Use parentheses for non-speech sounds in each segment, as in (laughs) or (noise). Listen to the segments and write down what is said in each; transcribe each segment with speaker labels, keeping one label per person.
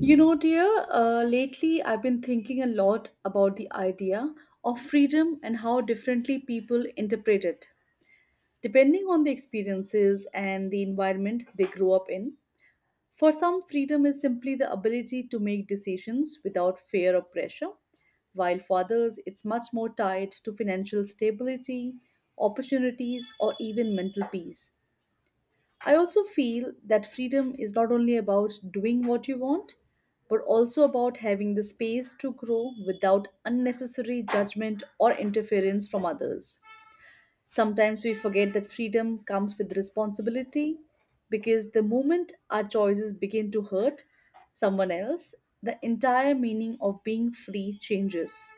Speaker 1: Lately I've been thinking a lot about the idea of freedom and how differently people interpret it, depending on the experiences and the environment they grow up in. For some, freedom is simply the ability to make decisions without fear or pressure, while for others, it's much more tied to financial stability, opportunities, or even mental peace. I also feel that freedom is not only about doing what you want, but also about having the space to grow without unnecessary judgment or interference from others. Sometimes we forget that freedom comes with responsibility because the moment our choices begin to hurt someone else, the entire meaning of being free changes.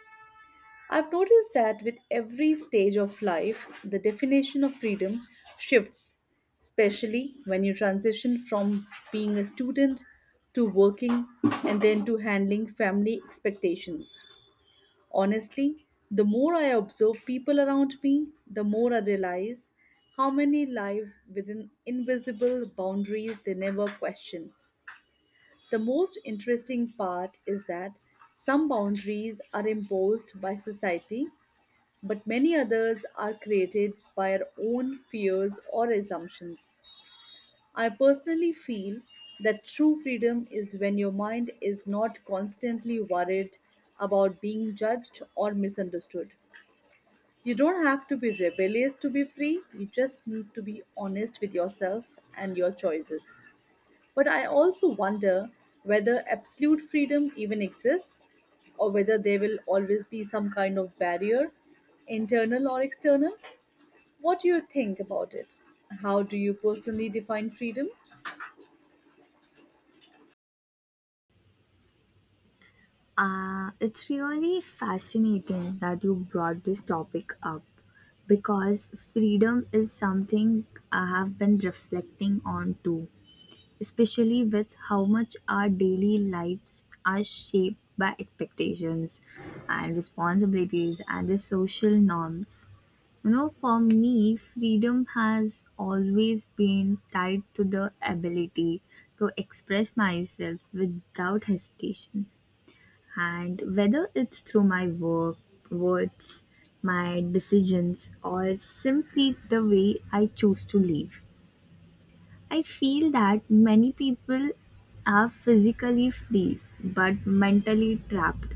Speaker 1: I've noticed that with every stage of life, the definition of freedom shifts, especially when you transition from being a student to working and then to handling family expectations. Honestly, the more I observe people around me, the more I realize how many live within invisible boundaries they never question. The most interesting part is that some boundaries are imposed by society but many others are created by our own fears or assumptions. I personally feel that true freedom is when your mind is not constantly worried about being judged or misunderstood. You don't have to be rebellious to be free, you just need to be honest with yourself and your choices. But I also wonder whether absolute freedom even exists or whether there will always be some kind of barrier, internal or external. What do you think about it? How do you personally define freedom?
Speaker 2: It's really fascinating that you brought this topic up because freedom is something I have been reflecting on too, especially with how much our daily lives are shaped by expectations and responsibilities and the social norms. You know, for me, freedom has always been tied to the ability to express myself without hesitation, and whether it's through my work, words, my decisions, or simply the way I choose to live, I feel that many people are physically free but mentally trapped,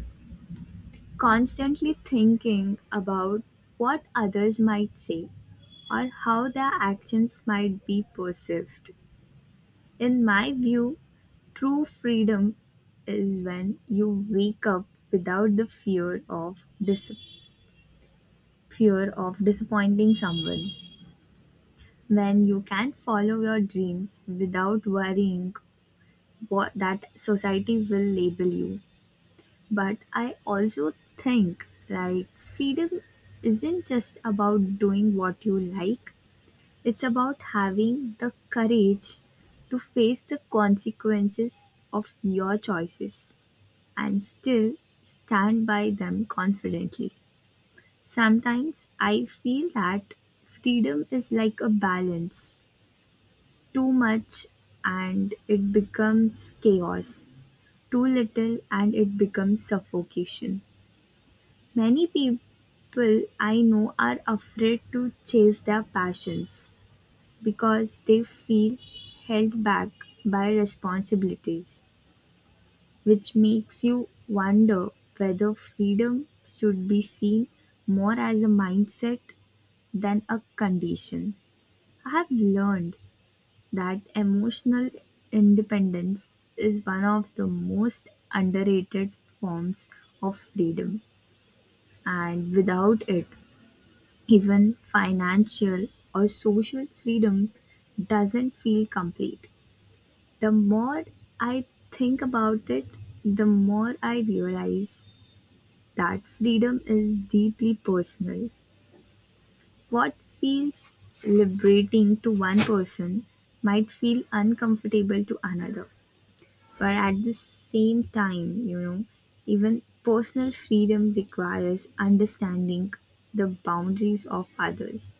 Speaker 2: constantly thinking about what others might say or how their actions might be perceived. In my view, true freedom is when you wake up without the fear of disappointing someone. When you can follow your dreams without worrying what that society will label you. But I also think like freedom isn't just about doing what you like. It's about having the courage to face the consequences of your choices and still stand by them confidently. Sometimes I feel that freedom is like a balance: too much and it becomes chaos, too little and it becomes suffocation. Many people I know are afraid to chase their passions because they feel held back by responsibilities, which makes you wonder whether freedom should be seen more as a mindset than a condition. I have learned that emotional independence is one of the most underrated forms of freedom, and without it, even financial or social freedom doesn't feel complete. The more I think about it, the more I realize that freedom is deeply personal. What feels liberating to one person might feel uncomfortable to another. But at the same time, even personal freedom requires understanding the boundaries of others,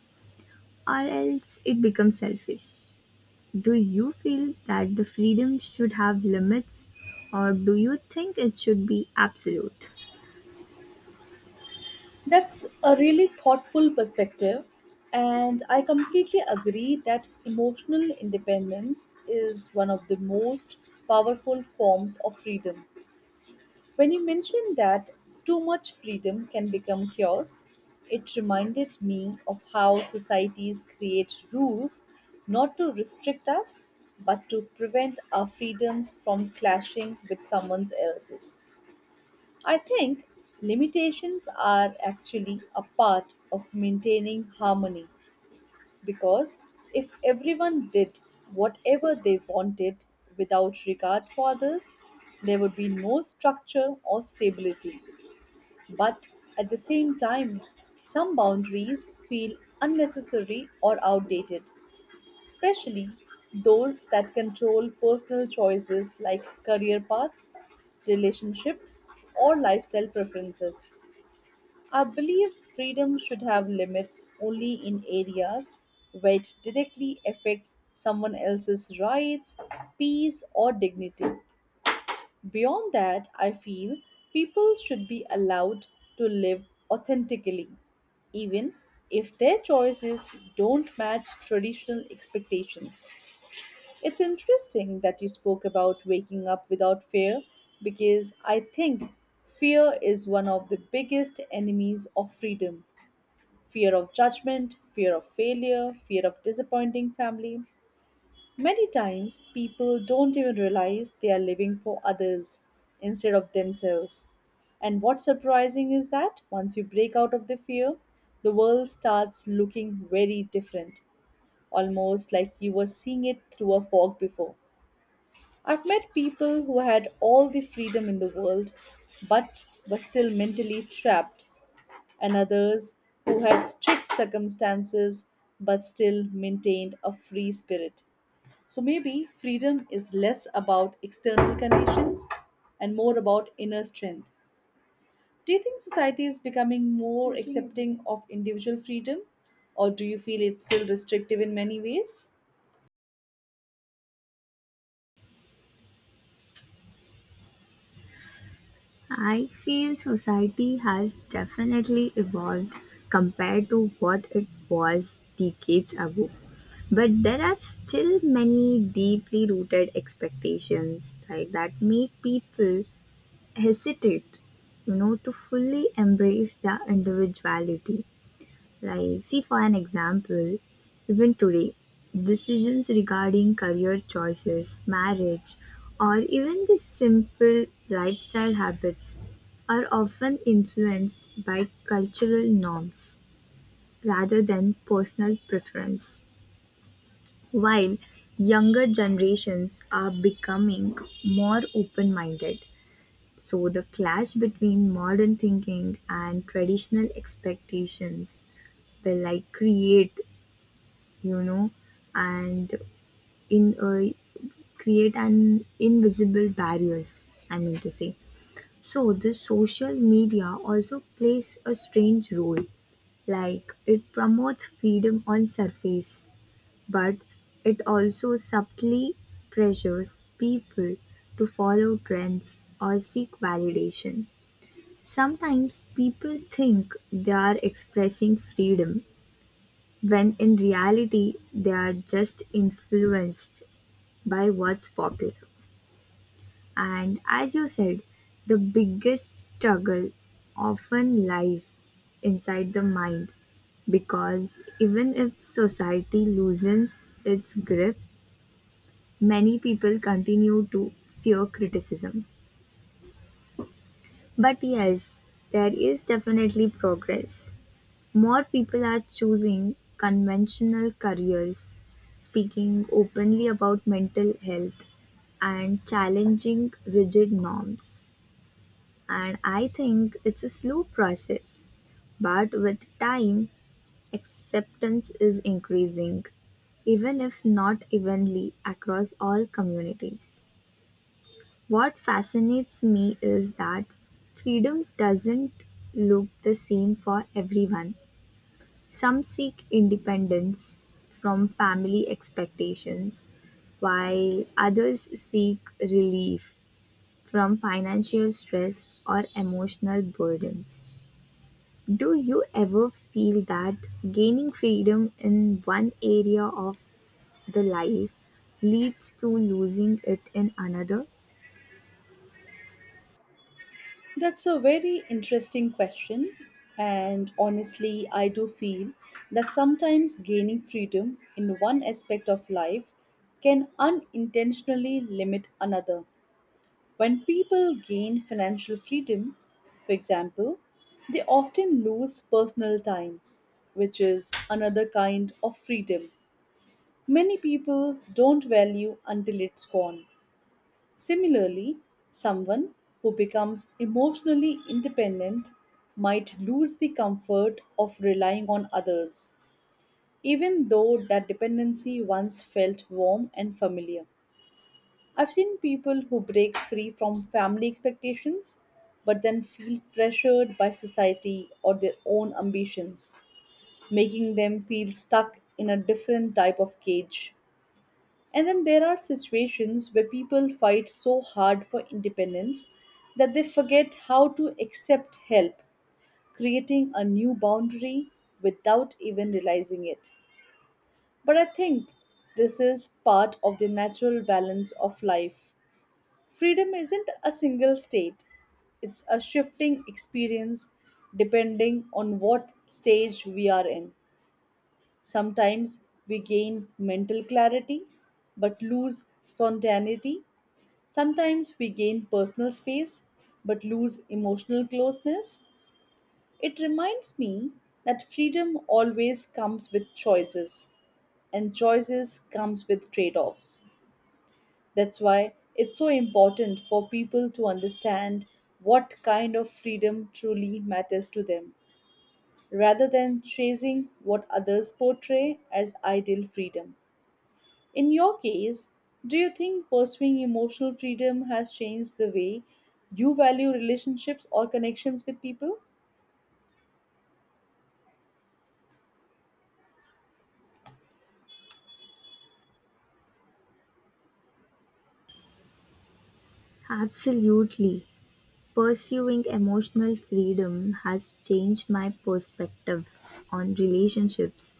Speaker 2: or else it becomes selfish. Do you feel that the freedom should have limits, or do you think it should be absolute?
Speaker 1: That's a really thoughtful perspective, and I completely agree that emotional independence is one of the most powerful forms of freedom. When you mentioned that too much freedom can become chaos, it reminded me of how societies create rules not to restrict us but to prevent our freedoms from clashing with someone else's. I think limitations are actually a part of maintaining harmony because if everyone did whatever they wanted without regard for others, there would be no structure or stability. But at the same time, some boundaries feel unnecessary or outdated, especially those that control personal choices like career paths, relationships, or lifestyle preferences. I believe freedom should have limits only in areas where it directly affects someone else's rights, peace, or dignity. Beyond that, I feel people should be allowed to live authentically, even if their choices don't match traditional expectations. It's interesting that you spoke about waking up without fear because I think fear is one of the biggest enemies of freedom: fear of judgment, fear of failure, fear of disappointing family. Many times, people don't even realize they are living for others instead of themselves. And what's surprising is that once you break out of the fear, the world starts looking very different, almost like you were seeing it through a fog before. I've met people who had all the freedom in the world but were still mentally trapped, and others who had strict circumstances but still maintained a free spirit. So maybe freedom is less about external conditions and more about inner strength. Do you think society is becoming more accepting of individual freedom, or do you feel it's still restrictive in many ways?
Speaker 2: I feel society has definitely evolved compared to what it was decades ago. But there are still many deeply rooted expectations like that make people hesitate, to fully embrace their individuality. Like, see, for an example, even today, decisions regarding career choices, marriage, or even the simple lifestyle habits are often influenced by cultural norms rather than personal preference. While younger generations are becoming more open minded, so the clash between modern thinking and traditional expectations will like create you know, and in create an invisible barriers. I mean to say. So the social media also plays a strange role. Like it promotes freedom on surface, but it also subtly pressures people to follow trends or seek validation. Sometimes people think they are expressing freedom when in reality they are just influenced by what's popular. And as you said, the biggest struggle often lies inside the mind, because even if society loosens its grip, many people continue to fear criticism. But yes, there is definitely progress. More people are choosing conventional careers, speaking openly about mental health, and challenging rigid norms. And I think it's a slow process. But with time, acceptance is increasing, even if not evenly across all communities. What fascinates me is that freedom doesn't look the same for everyone. Some seek independence from family expectations, while others seek relief from financial stress or emotional burdens. Do you ever feel that gaining freedom in one area of the life leads to losing it in another?
Speaker 1: That's a very interesting question. And honestly, I do feel that sometimes gaining freedom in one aspect of life can unintentionally limit another. When people gain financial freedom, for example, they often lose personal time, which is another kind of freedom. Many people don't value until it's gone. Similarly, someone who becomes emotionally independent might lose the comfort of relying on others, even though that dependency once felt warm and familiar. I've seen people who break free from family expectations but then feel pressured by society or their own ambitions, making them feel stuck in a different type of cage. And then there are situations where people fight so hard for independence that they forget how to accept help, creating a new boundary without even realizing it. But I think this is part of the natural balance of life. Freedom isn't a single state, it's a shifting experience depending on what stage we are in. Sometimes we gain mental clarity but lose spontaneity. Sometimes we gain personal space but lose emotional closeness. It reminds me that freedom always comes with choices and choices comes with trade-offs. That's why it's so important for people to understand what kind of freedom truly matters to them rather than chasing what others portray as ideal freedom. In your case, do you think pursuing emotional freedom has changed the way you value relationships or connections with people?
Speaker 2: Absolutely. Pursuing emotional freedom has changed my perspective on relationships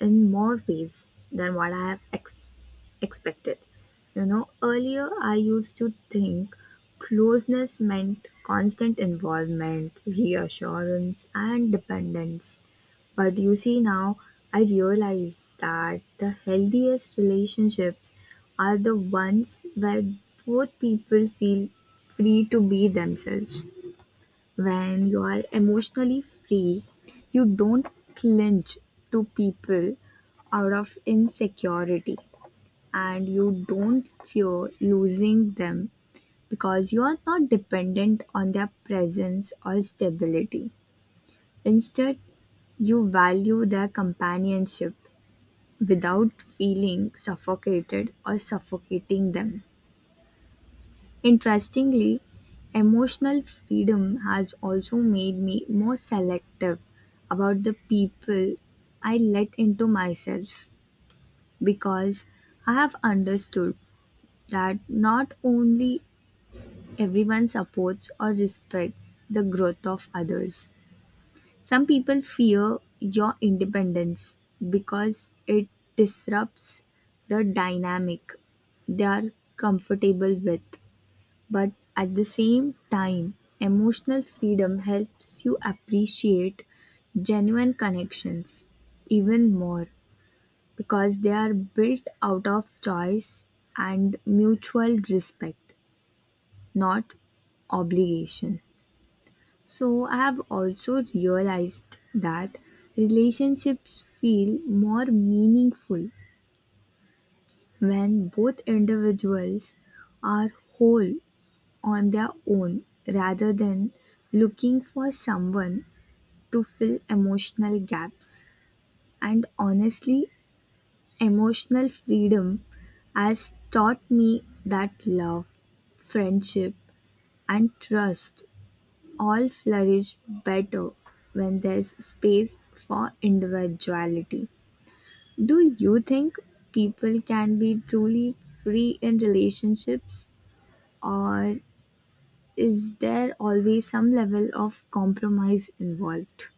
Speaker 2: in more ways than what I have expected. You know, earlier I used to think closeness meant constant involvement, reassurance, and dependence. But you see, now I realize that the healthiest relationships are the ones where both people feel free to be themselves. When you are emotionally free, you don't cling to people out of insecurity, and you don't fear losing them because you are not dependent on their presence or stability. Instead, you value their companionship without feeling suffocated or suffocating them. Interestingly, emotional freedom has also made me more selective about the people I let into myself, because I have understood that not only everyone supports or respects the growth of others. Some people fear your independence because it disrupts the dynamic they are comfortable with. But at the same time, emotional freedom helps you appreciate genuine connections even more, because they are built out of choice and mutual respect, not obligation. So I have also realized that relationships feel more meaningful when both individuals are whole on their own rather than looking for someone to fill emotional gaps. And honestly, emotional freedom has taught me that love, friendship, and trust all flourish better when there's space for individuality. Do you think people can be truly free in relationships, or is there always some level of compromise involved?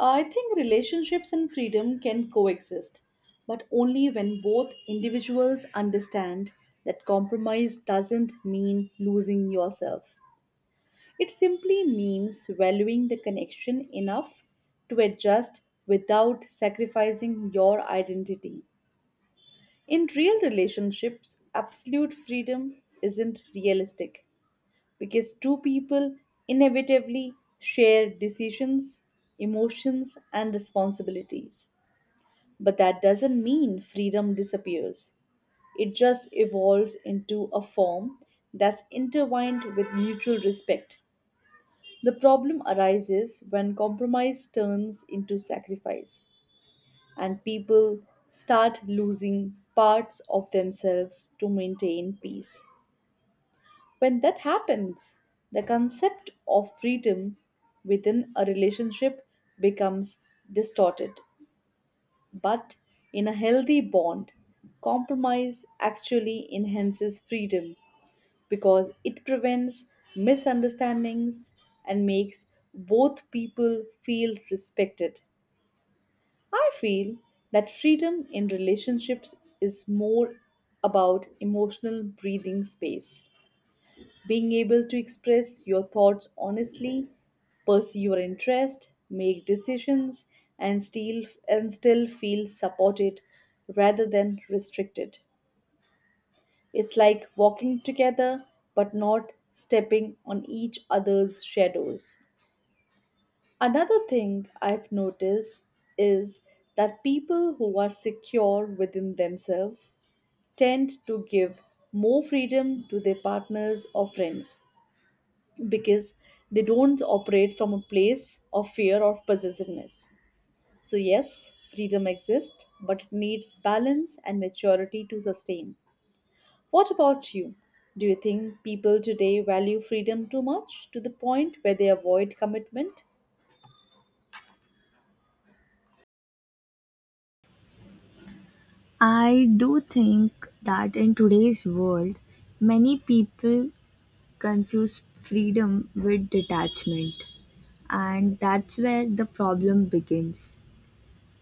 Speaker 1: I think relationships and freedom can coexist, but only when both individuals understand that compromise doesn't mean losing yourself. It simply means valuing the connection enough to adjust without sacrificing your identity. In real relationships, absolute freedom isn't realistic because two people inevitably share decisions, emotions, and responsibilities. But that doesn't mean freedom disappears, it just evolves into a form that's intertwined with mutual respect. The problem arises when compromise turns into sacrifice and people start losing parts of themselves to maintain peace. When that happens, the concept of freedom within a relationship becomes distorted. But in a healthy bond, compromise actually enhances freedom because it prevents misunderstandings and makes both people feel respected. I feel that freedom in relationships is more about emotional breathing space, being able to express your thoughts honestly, pursue your interest, make decisions and still and still feel supported rather than restricted. It's like walking together but not stepping on each other's shadows. Another thing I've noticed is that people who are secure within themselves tend to give more freedom to their partners or friends because they don't operate from a place of fear or possessiveness. So, yes, freedom exists, but it needs balance and maturity to sustain. What about you? Do you think people today value freedom too much to the point where they avoid commitment?
Speaker 2: I do think that in today's world, many people confuse freedom with detachment, and that's where the problem begins.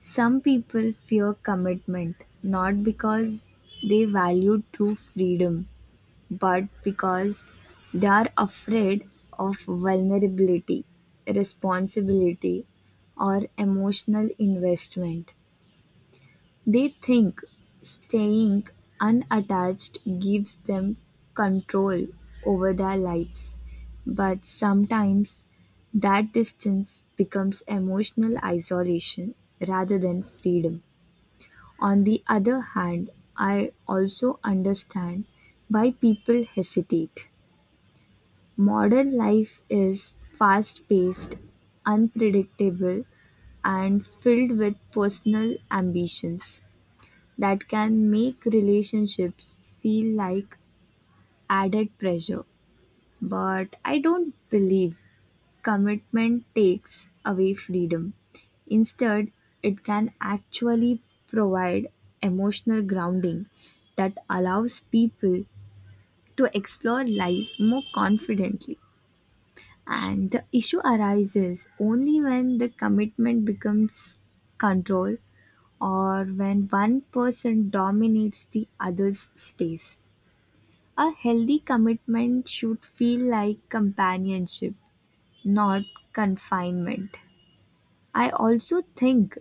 Speaker 2: Some people fear commitment not because they value true freedom, but because they are afraid of vulnerability, responsibility, or emotional investment. They think staying unattached gives them control over their lives, but sometimes that distance becomes emotional isolation rather than freedom. On the other hand, I also understand why people hesitate. Modern life is fast paced, unpredictable, and filled with personal ambitions that can make relationships feel like added pressure. But I don't believe commitment takes away freedom. Instead, it can actually provide emotional grounding that allows people to explore life more confidently. And the issue arises only when the commitment becomes control, or when one person dominates the other's space. A healthy commitment should feel like companionship, not confinement. I also think,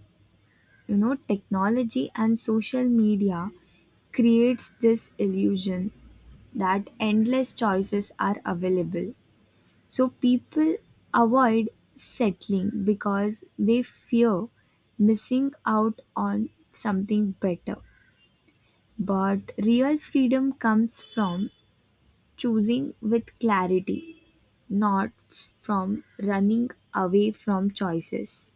Speaker 2: technology and social media creates this illusion that endless choices are available. So people avoid settling because they fear missing out on something better. But real freedom comes from choosing with clarity, not from running away from choices.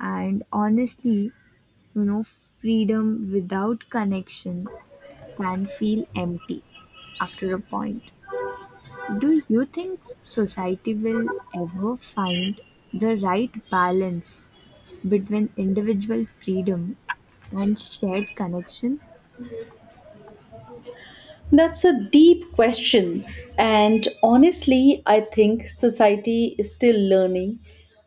Speaker 2: And honestly, freedom without connection can feel empty after a point. Do you think society will ever find the right balance between individual freedom and shared connection?
Speaker 1: That's a deep question. And honestly, I think society is still learning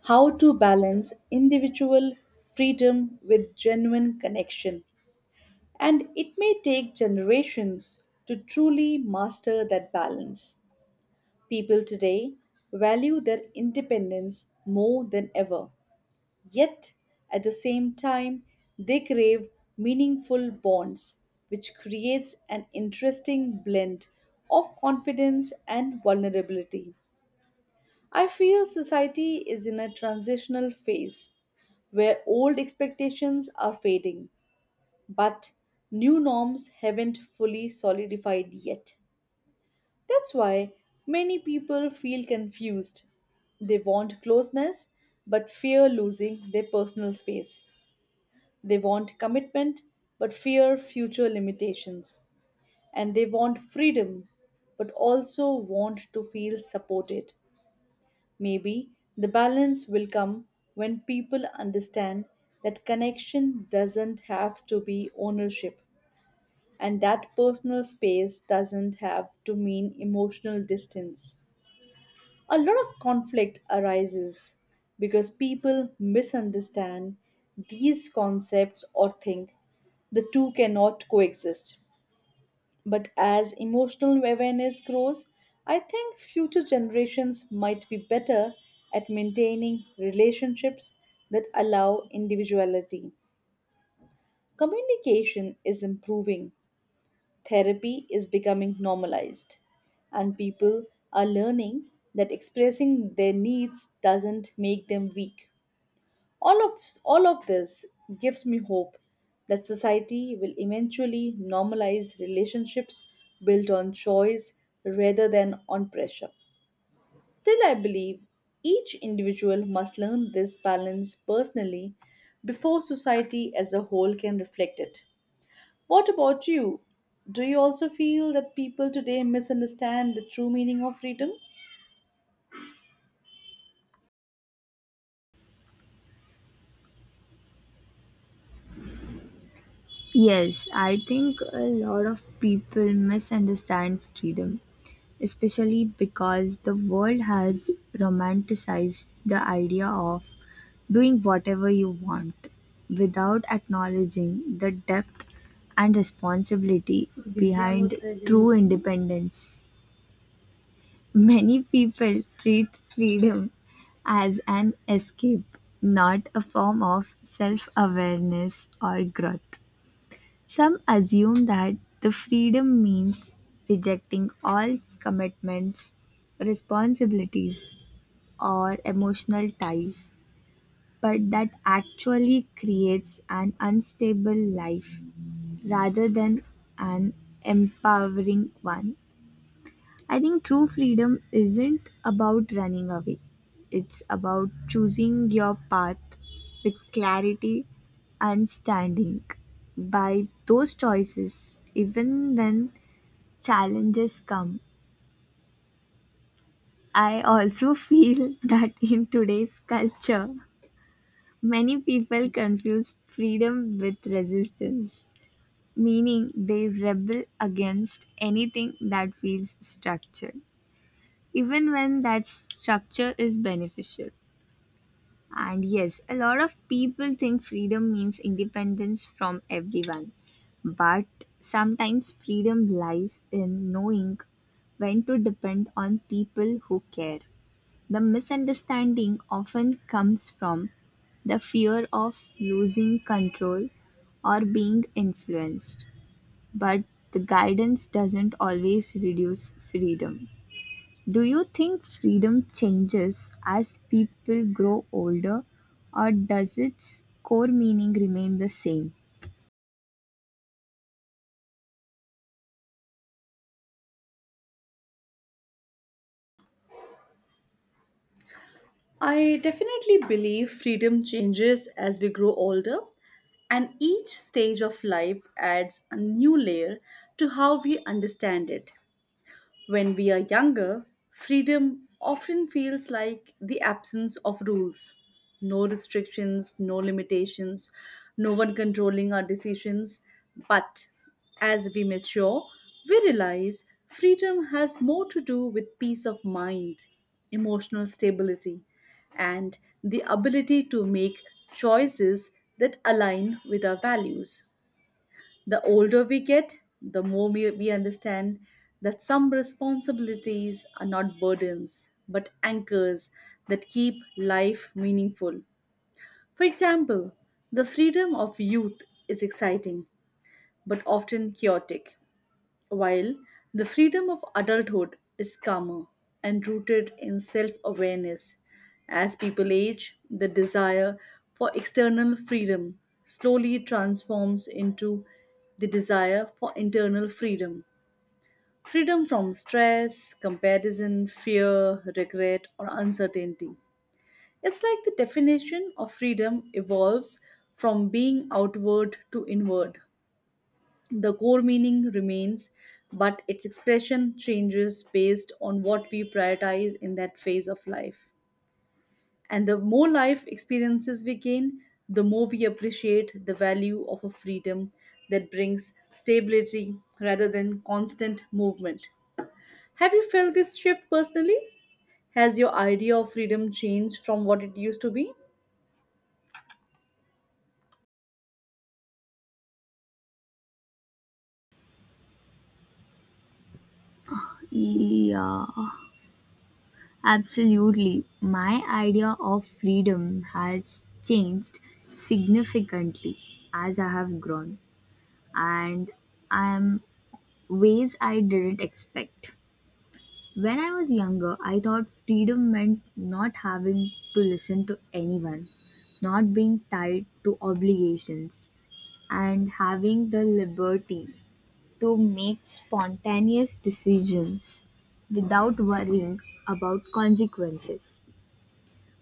Speaker 1: how to balance individual freedom with genuine connection. And it may take generations to truly master that balance. People today value their independence more than ever. Yet, at the same time, they crave meaningful bonds, which creates an interesting blend of confidence and vulnerability. I feel society is in a transitional phase where old expectations are fading, but new norms haven't fully solidified yet. That's why many people feel confused. They want closeness but fear losing their personal space. They want commitment but fear future limitations. And they want freedom but also want to feel supported. Maybe the balance will come when people understand that connection doesn't have to be ownership and that personal space doesn't have to mean emotional distance. A lot of conflict arises because people misunderstand these concepts or think the two cannot coexist. But as emotional awareness grows, I think future generations might be better at maintaining relationships that allow individuality. Communication is improving, therapy is becoming normalized, and people are learning that expressing their needs doesn't make them weak. All of this gives me hope that society will eventually normalize relationships built on choice rather than on pressure. Still, I believe each individual must learn this balance personally before society as a whole can reflect it. What about you? Do you also feel that people today misunderstand the true meaning of freedom?
Speaker 2: Yes, I think a lot of people misunderstand freedom, especially because the world has romanticized the idea of doing whatever you want without acknowledging the depth and responsibility behind true independence. Many people treat freedom as an escape, not a form of self awareness or growth. Some assume that the freedom means rejecting all commitments, responsibilities, or emotional ties, but that actually creates an unstable life rather than an empowering one. I think true freedom isn't about running away. It's about choosing your path with clarity and standing by those choices, even when challenges come. I also (laughs) feel that in today's culture, many people confuse freedom with resistance, meaning they rebel against anything that feels structured, even when that structure is beneficial. And yes, a lot of people think freedom means independence from everyone, but sometimes freedom lies in knowing when to depend on people who care. The misunderstanding often comes from the fear of losing control or being influenced, but the guidance doesn't always reduce freedom. Do you think freedom changes as people grow older, or does its core meaning remain the same?
Speaker 1: I definitely believe freedom changes as we grow older, and each stage of life adds a new layer to how we understand it. When we are younger, freedom often feels like the absence of rules. No restrictions, no limitations, no one controlling our decisions. But as we mature, we realize freedom has more to do with peace of mind, emotional stability, and the ability to make choices that align with our values. The older we get, the more we understand that some responsibilities are not burdens, but anchors that keep life meaningful. For example, the freedom of youth is exciting, but often chaotic, while the freedom of adulthood is calmer and rooted in self awareness. As people age, the desire for external freedom slowly transforms into the desire for internal freedom. Freedom from stress, comparison, fear, regret, or uncertainty. It's like the definition of freedom evolves from being outward to inward. The core meaning remains, but its expression changes based on what we prioritize in that phase of life. And the more life experiences we gain, the more we appreciate the value of a freedom that brings stability rather than constant movement. Have you felt this shift personally? Has your idea of freedom changed from what it used to be?
Speaker 2: Yeah, absolutely. My idea of freedom has changed significantly as I have grown, and I am ways I didn't expect. When I was younger, I thought freedom meant not having to listen to anyone, not being tied to obligations, and having the liberty to make spontaneous decisions without worrying about consequences.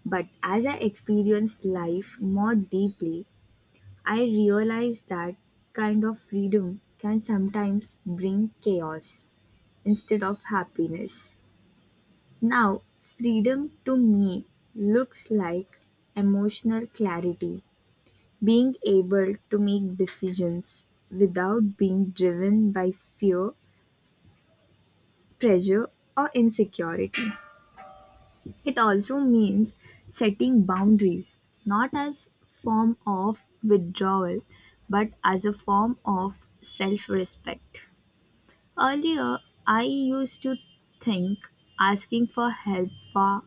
Speaker 2: But as I experienced life more deeply, I realized that kind of freedom can sometimes bring chaos instead of happiness. Now, freedom to me looks like emotional clarity: being able to make decisions without being driven by fear, pressure, or insecurity. It also means setting boundaries, not as form of withdrawal, but as a form of self-respect. Earlier, I used to think asking for help for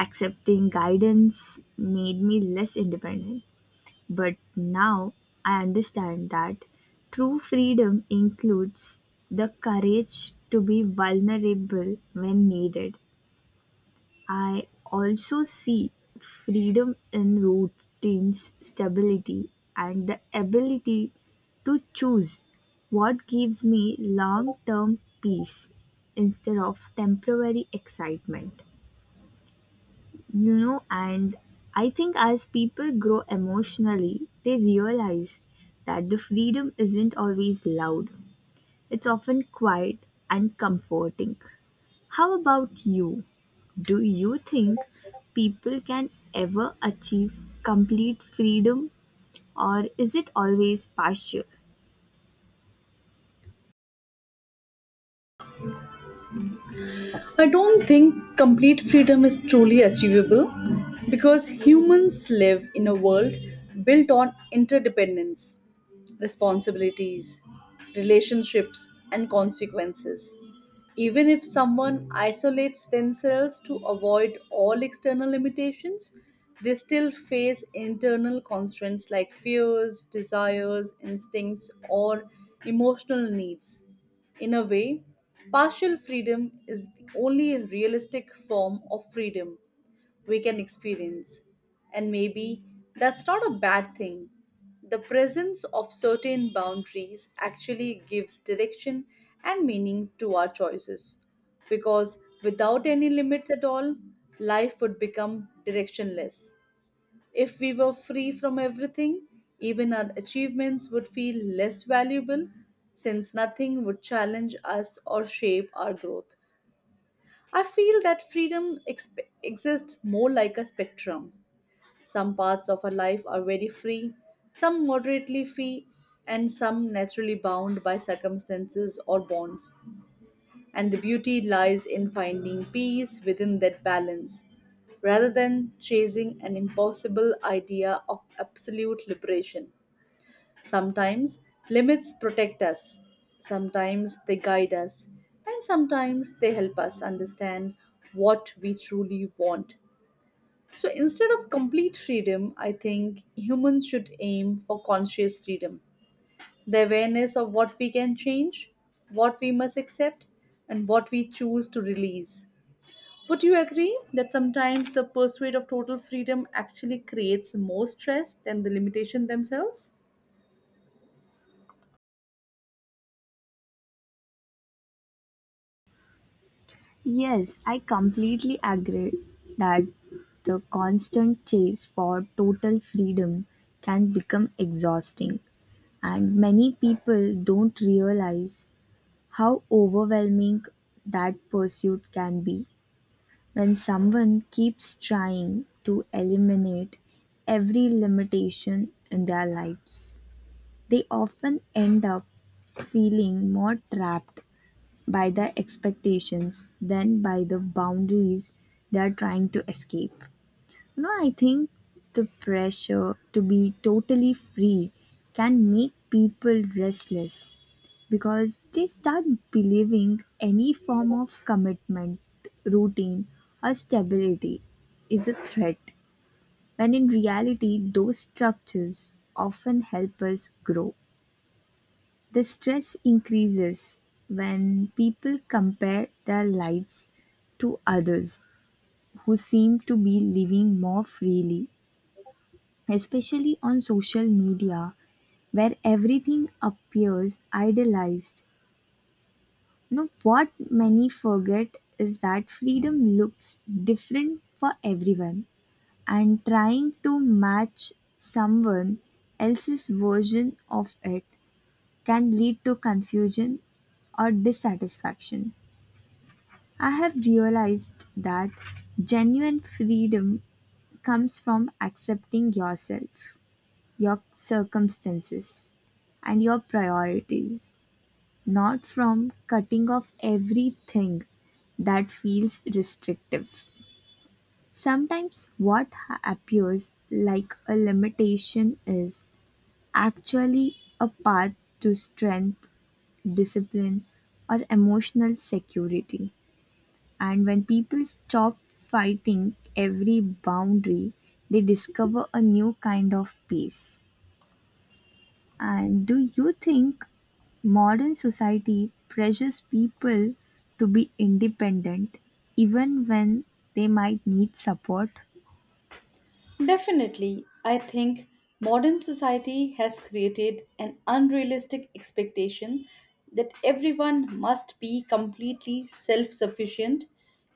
Speaker 2: accepting guidance made me less independent. But now I understand that true freedom includes the courage to be vulnerable when needed. I also see freedom in routines, stability, and the ability to choose what gives me long term peace instead of temporary excitement. And I think as people grow emotionally, they realize that the freedom isn't always loud. It's often quiet and comforting. How about you? Do you think people can ever achieve complete freedom, or is it always partial?
Speaker 1: I don't think complete freedom is truly achievable because humans live in a world built on interdependence, responsibilities, relationships, and consequences. Even if someone isolates themselves to avoid all external limitations, they still face internal constraints like fears, desires, instincts, or emotional needs. In a way, partial freedom is the only realistic form of freedom we can experience. And maybe that's not a bad thing. The presence of certain boundaries actually gives direction and meaning to our choices. Because without any limits at all, life would become directionless. If we were free from everything, even our achievements would feel less valuable since nothing would challenge us or shape our growth. I feel that freedom exists more like a spectrum. Some parts of our life are very free, some moderately free, and some naturally bound by circumstances or bonds. And the beauty lies in finding peace within that balance, rather than chasing an impossible idea of absolute liberation. Sometimes limits protect us, sometimes they guide us, and sometimes they help us understand what we truly want. So instead of complete freedom, I think humans should aim for conscious freedom, the awareness of what we can change, what we must accept, and what we choose to release. Would you agree that sometimes the pursuit of total freedom actually creates more stress than the limitation themselves?
Speaker 2: Yes, I completely agree that the constant chase for total freedom can become exhausting, and many people don't realize how overwhelming that pursuit can be. When someone keeps trying to eliminate every limitation in their lives, they often end up feeling more trapped by the expectations than by the boundaries they are trying to escape. I think the pressure to be totally free can make people restless because they start believing any form of commitment, routine, or stability is a threat, when in reality, those structures often help us grow. The stress increases when people compare their lives to others who seem to be living more freely, especially on social media where everything appears idealized. Now, what many forget is that freedom looks different for everyone, and trying to match someone else's version of it can lead to confusion or dissatisfaction. I have realized that genuine freedom comes from accepting yourself, your circumstances, and your priorities, not from cutting off everything that feels restrictive. Sometimes what appears like a limitation is actually a path to strength, discipline, or emotional security. And when people stop fighting every boundary, they discover a new kind of peace. And do you think modern society pressures people to be independent even when they might need support?
Speaker 1: Definitely. I think modern society has created an unrealistic expectation that everyone must be completely self sufficient,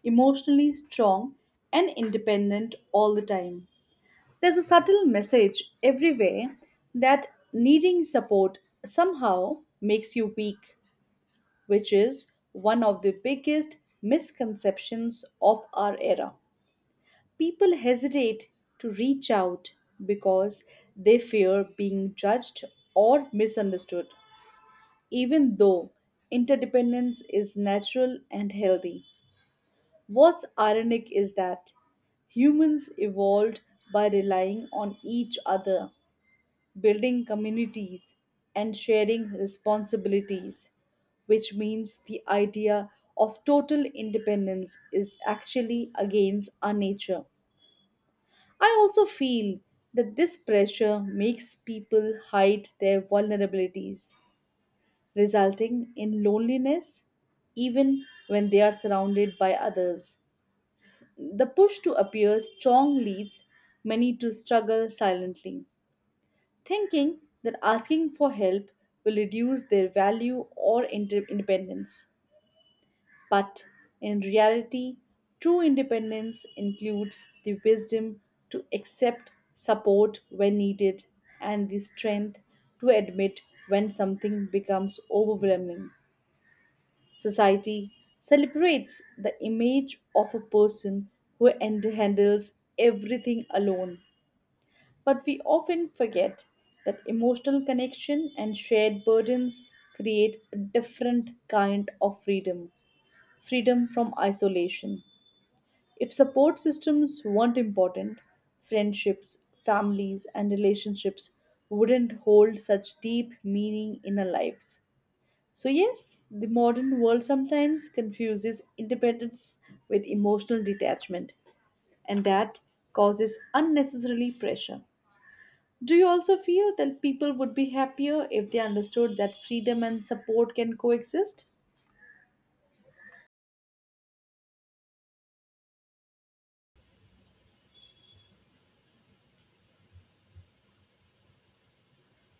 Speaker 1: emotionally strong, and independent all the time. There's a subtle message everywhere that needing support somehow makes you weak, which is one of the biggest misconceptions of our era. People hesitate to reach out because they fear being judged or misunderstood, even though interdependence is natural and healthy. What's ironic is that humans evolved by relying on each other, building communities, and sharing responsibilities, which means the idea of total independence is actually against our nature. I also feel that this pressure makes people hide their vulnerabilities, resulting in loneliness even when they are surrounded by others. The push to appear strong leads many to struggle silently, thinking that asking for help will reduce their value or independence. But in reality, true independence includes the wisdom to accept support when needed and the strength to admit when something becomes overwhelming. Society celebrates the image of a person who handles everything alone, but we often forget that emotional connection and shared burdens create a different kind of freedom, freedom from isolation. If support systems weren't important, friendships, families, and relationships wouldn't hold such deep meaning in our lives. So, yes, the modern world sometimes confuses independence with emotional detachment, and that causes unnecessarily pressure. Do you also feel that people would be happier if they understood that freedom and support can coexist?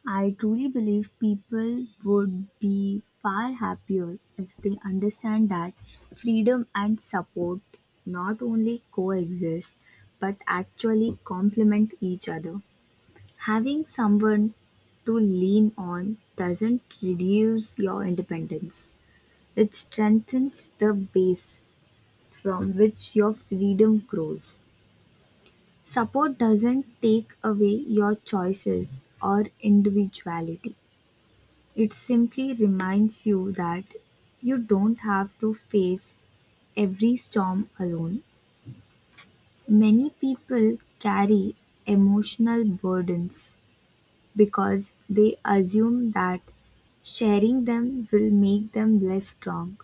Speaker 2: I truly believe people would be far happier if they understand that freedom and support not only coexist but actually complement each other. Having someone to lean on doesn't reduce your independence, it strengthens the base from which your freedom grows. Support doesn't take away your choices or individuality. It simply reminds you that you don't have to face every storm alone. Many people carry emotional burdens because they assume that sharing them will make them less strong.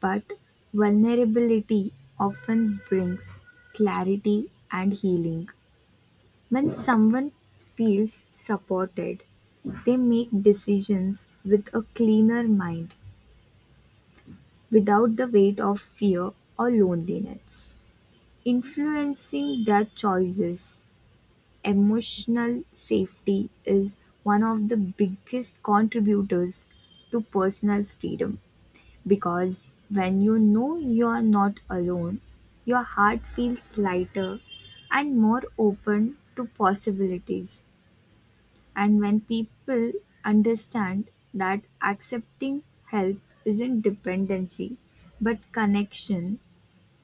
Speaker 2: But vulnerability often brings clarity and healing. When someone feels supported, they make decisions with a cleaner mind without the weight of fear or loneliness influencing their choices. Emotional safety is one of the biggest contributors to personal freedom, because when you know you are not alone, your heart feels lighter and more open to possibilities. And when people understand that accepting help isn't dependency but connection,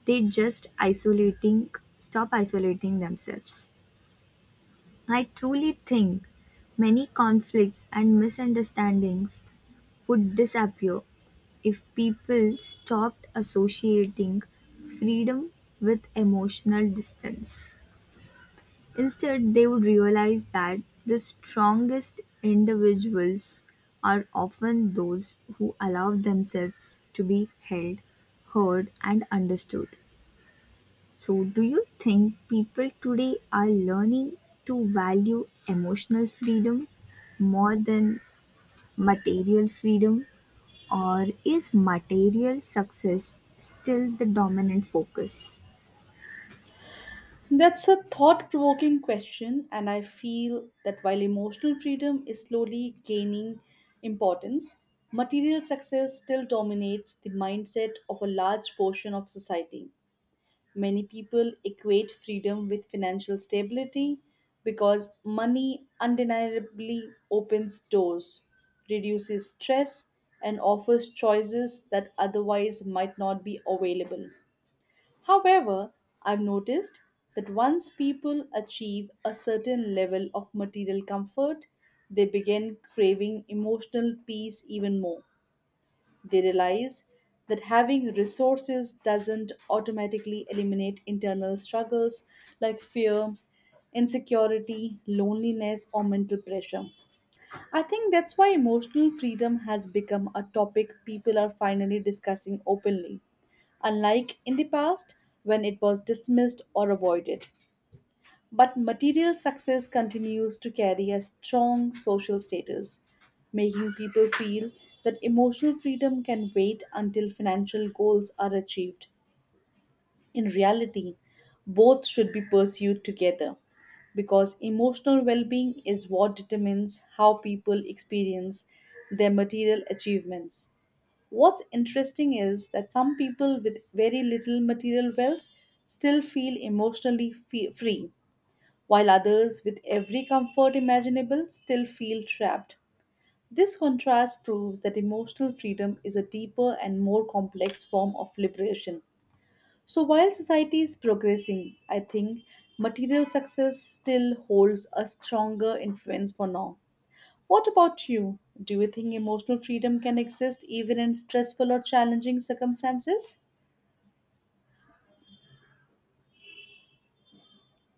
Speaker 2: they just isolating stop isolating themselves. I truly think many conflicts and misunderstandings would disappear if people stopped associating freedom with emotional distance. Instead, they would realize that the strongest individuals are often those who allow themselves to be held, heard, and understood. So, do you think people today are learning to value emotional freedom more than material freedom? Or is material success still the dominant focus?
Speaker 1: That's a thought provoking question, and I feel that while emotional freedom is slowly gaining importance, material success still dominates the mindset of a large portion of society. Many people equate freedom with financial stability because money undeniably opens doors, reduces stress, and offers choices that otherwise might not be available. However, I've noticed that once people achieve a certain level of material comfort, they begin craving emotional peace even more. We realize that having resources doesn't automatically eliminate internal struggles like fear, insecurity, loneliness, or mental pressure. I think that's why emotional freedom has become a topic people are finally discussing openly, unlike in the past when it was dismissed or avoided. But material success continues to carry a strong social status, making people feel that emotional freedom can wait until financial goals are achieved. In reality, both should be pursued together because emotional well being is what determines how people experience their material achievements. What's interesting is that some people with very little material wealth still feel emotionally free, while others, with every comfort imaginable, still feel trapped. This contrast proves that emotional freedom is a deeper and more complex form of liberation. So, while society is progressing, I think material success still holds a stronger influence for now. What about you? Do you think emotional freedom can exist even in stressful or challenging circumstances?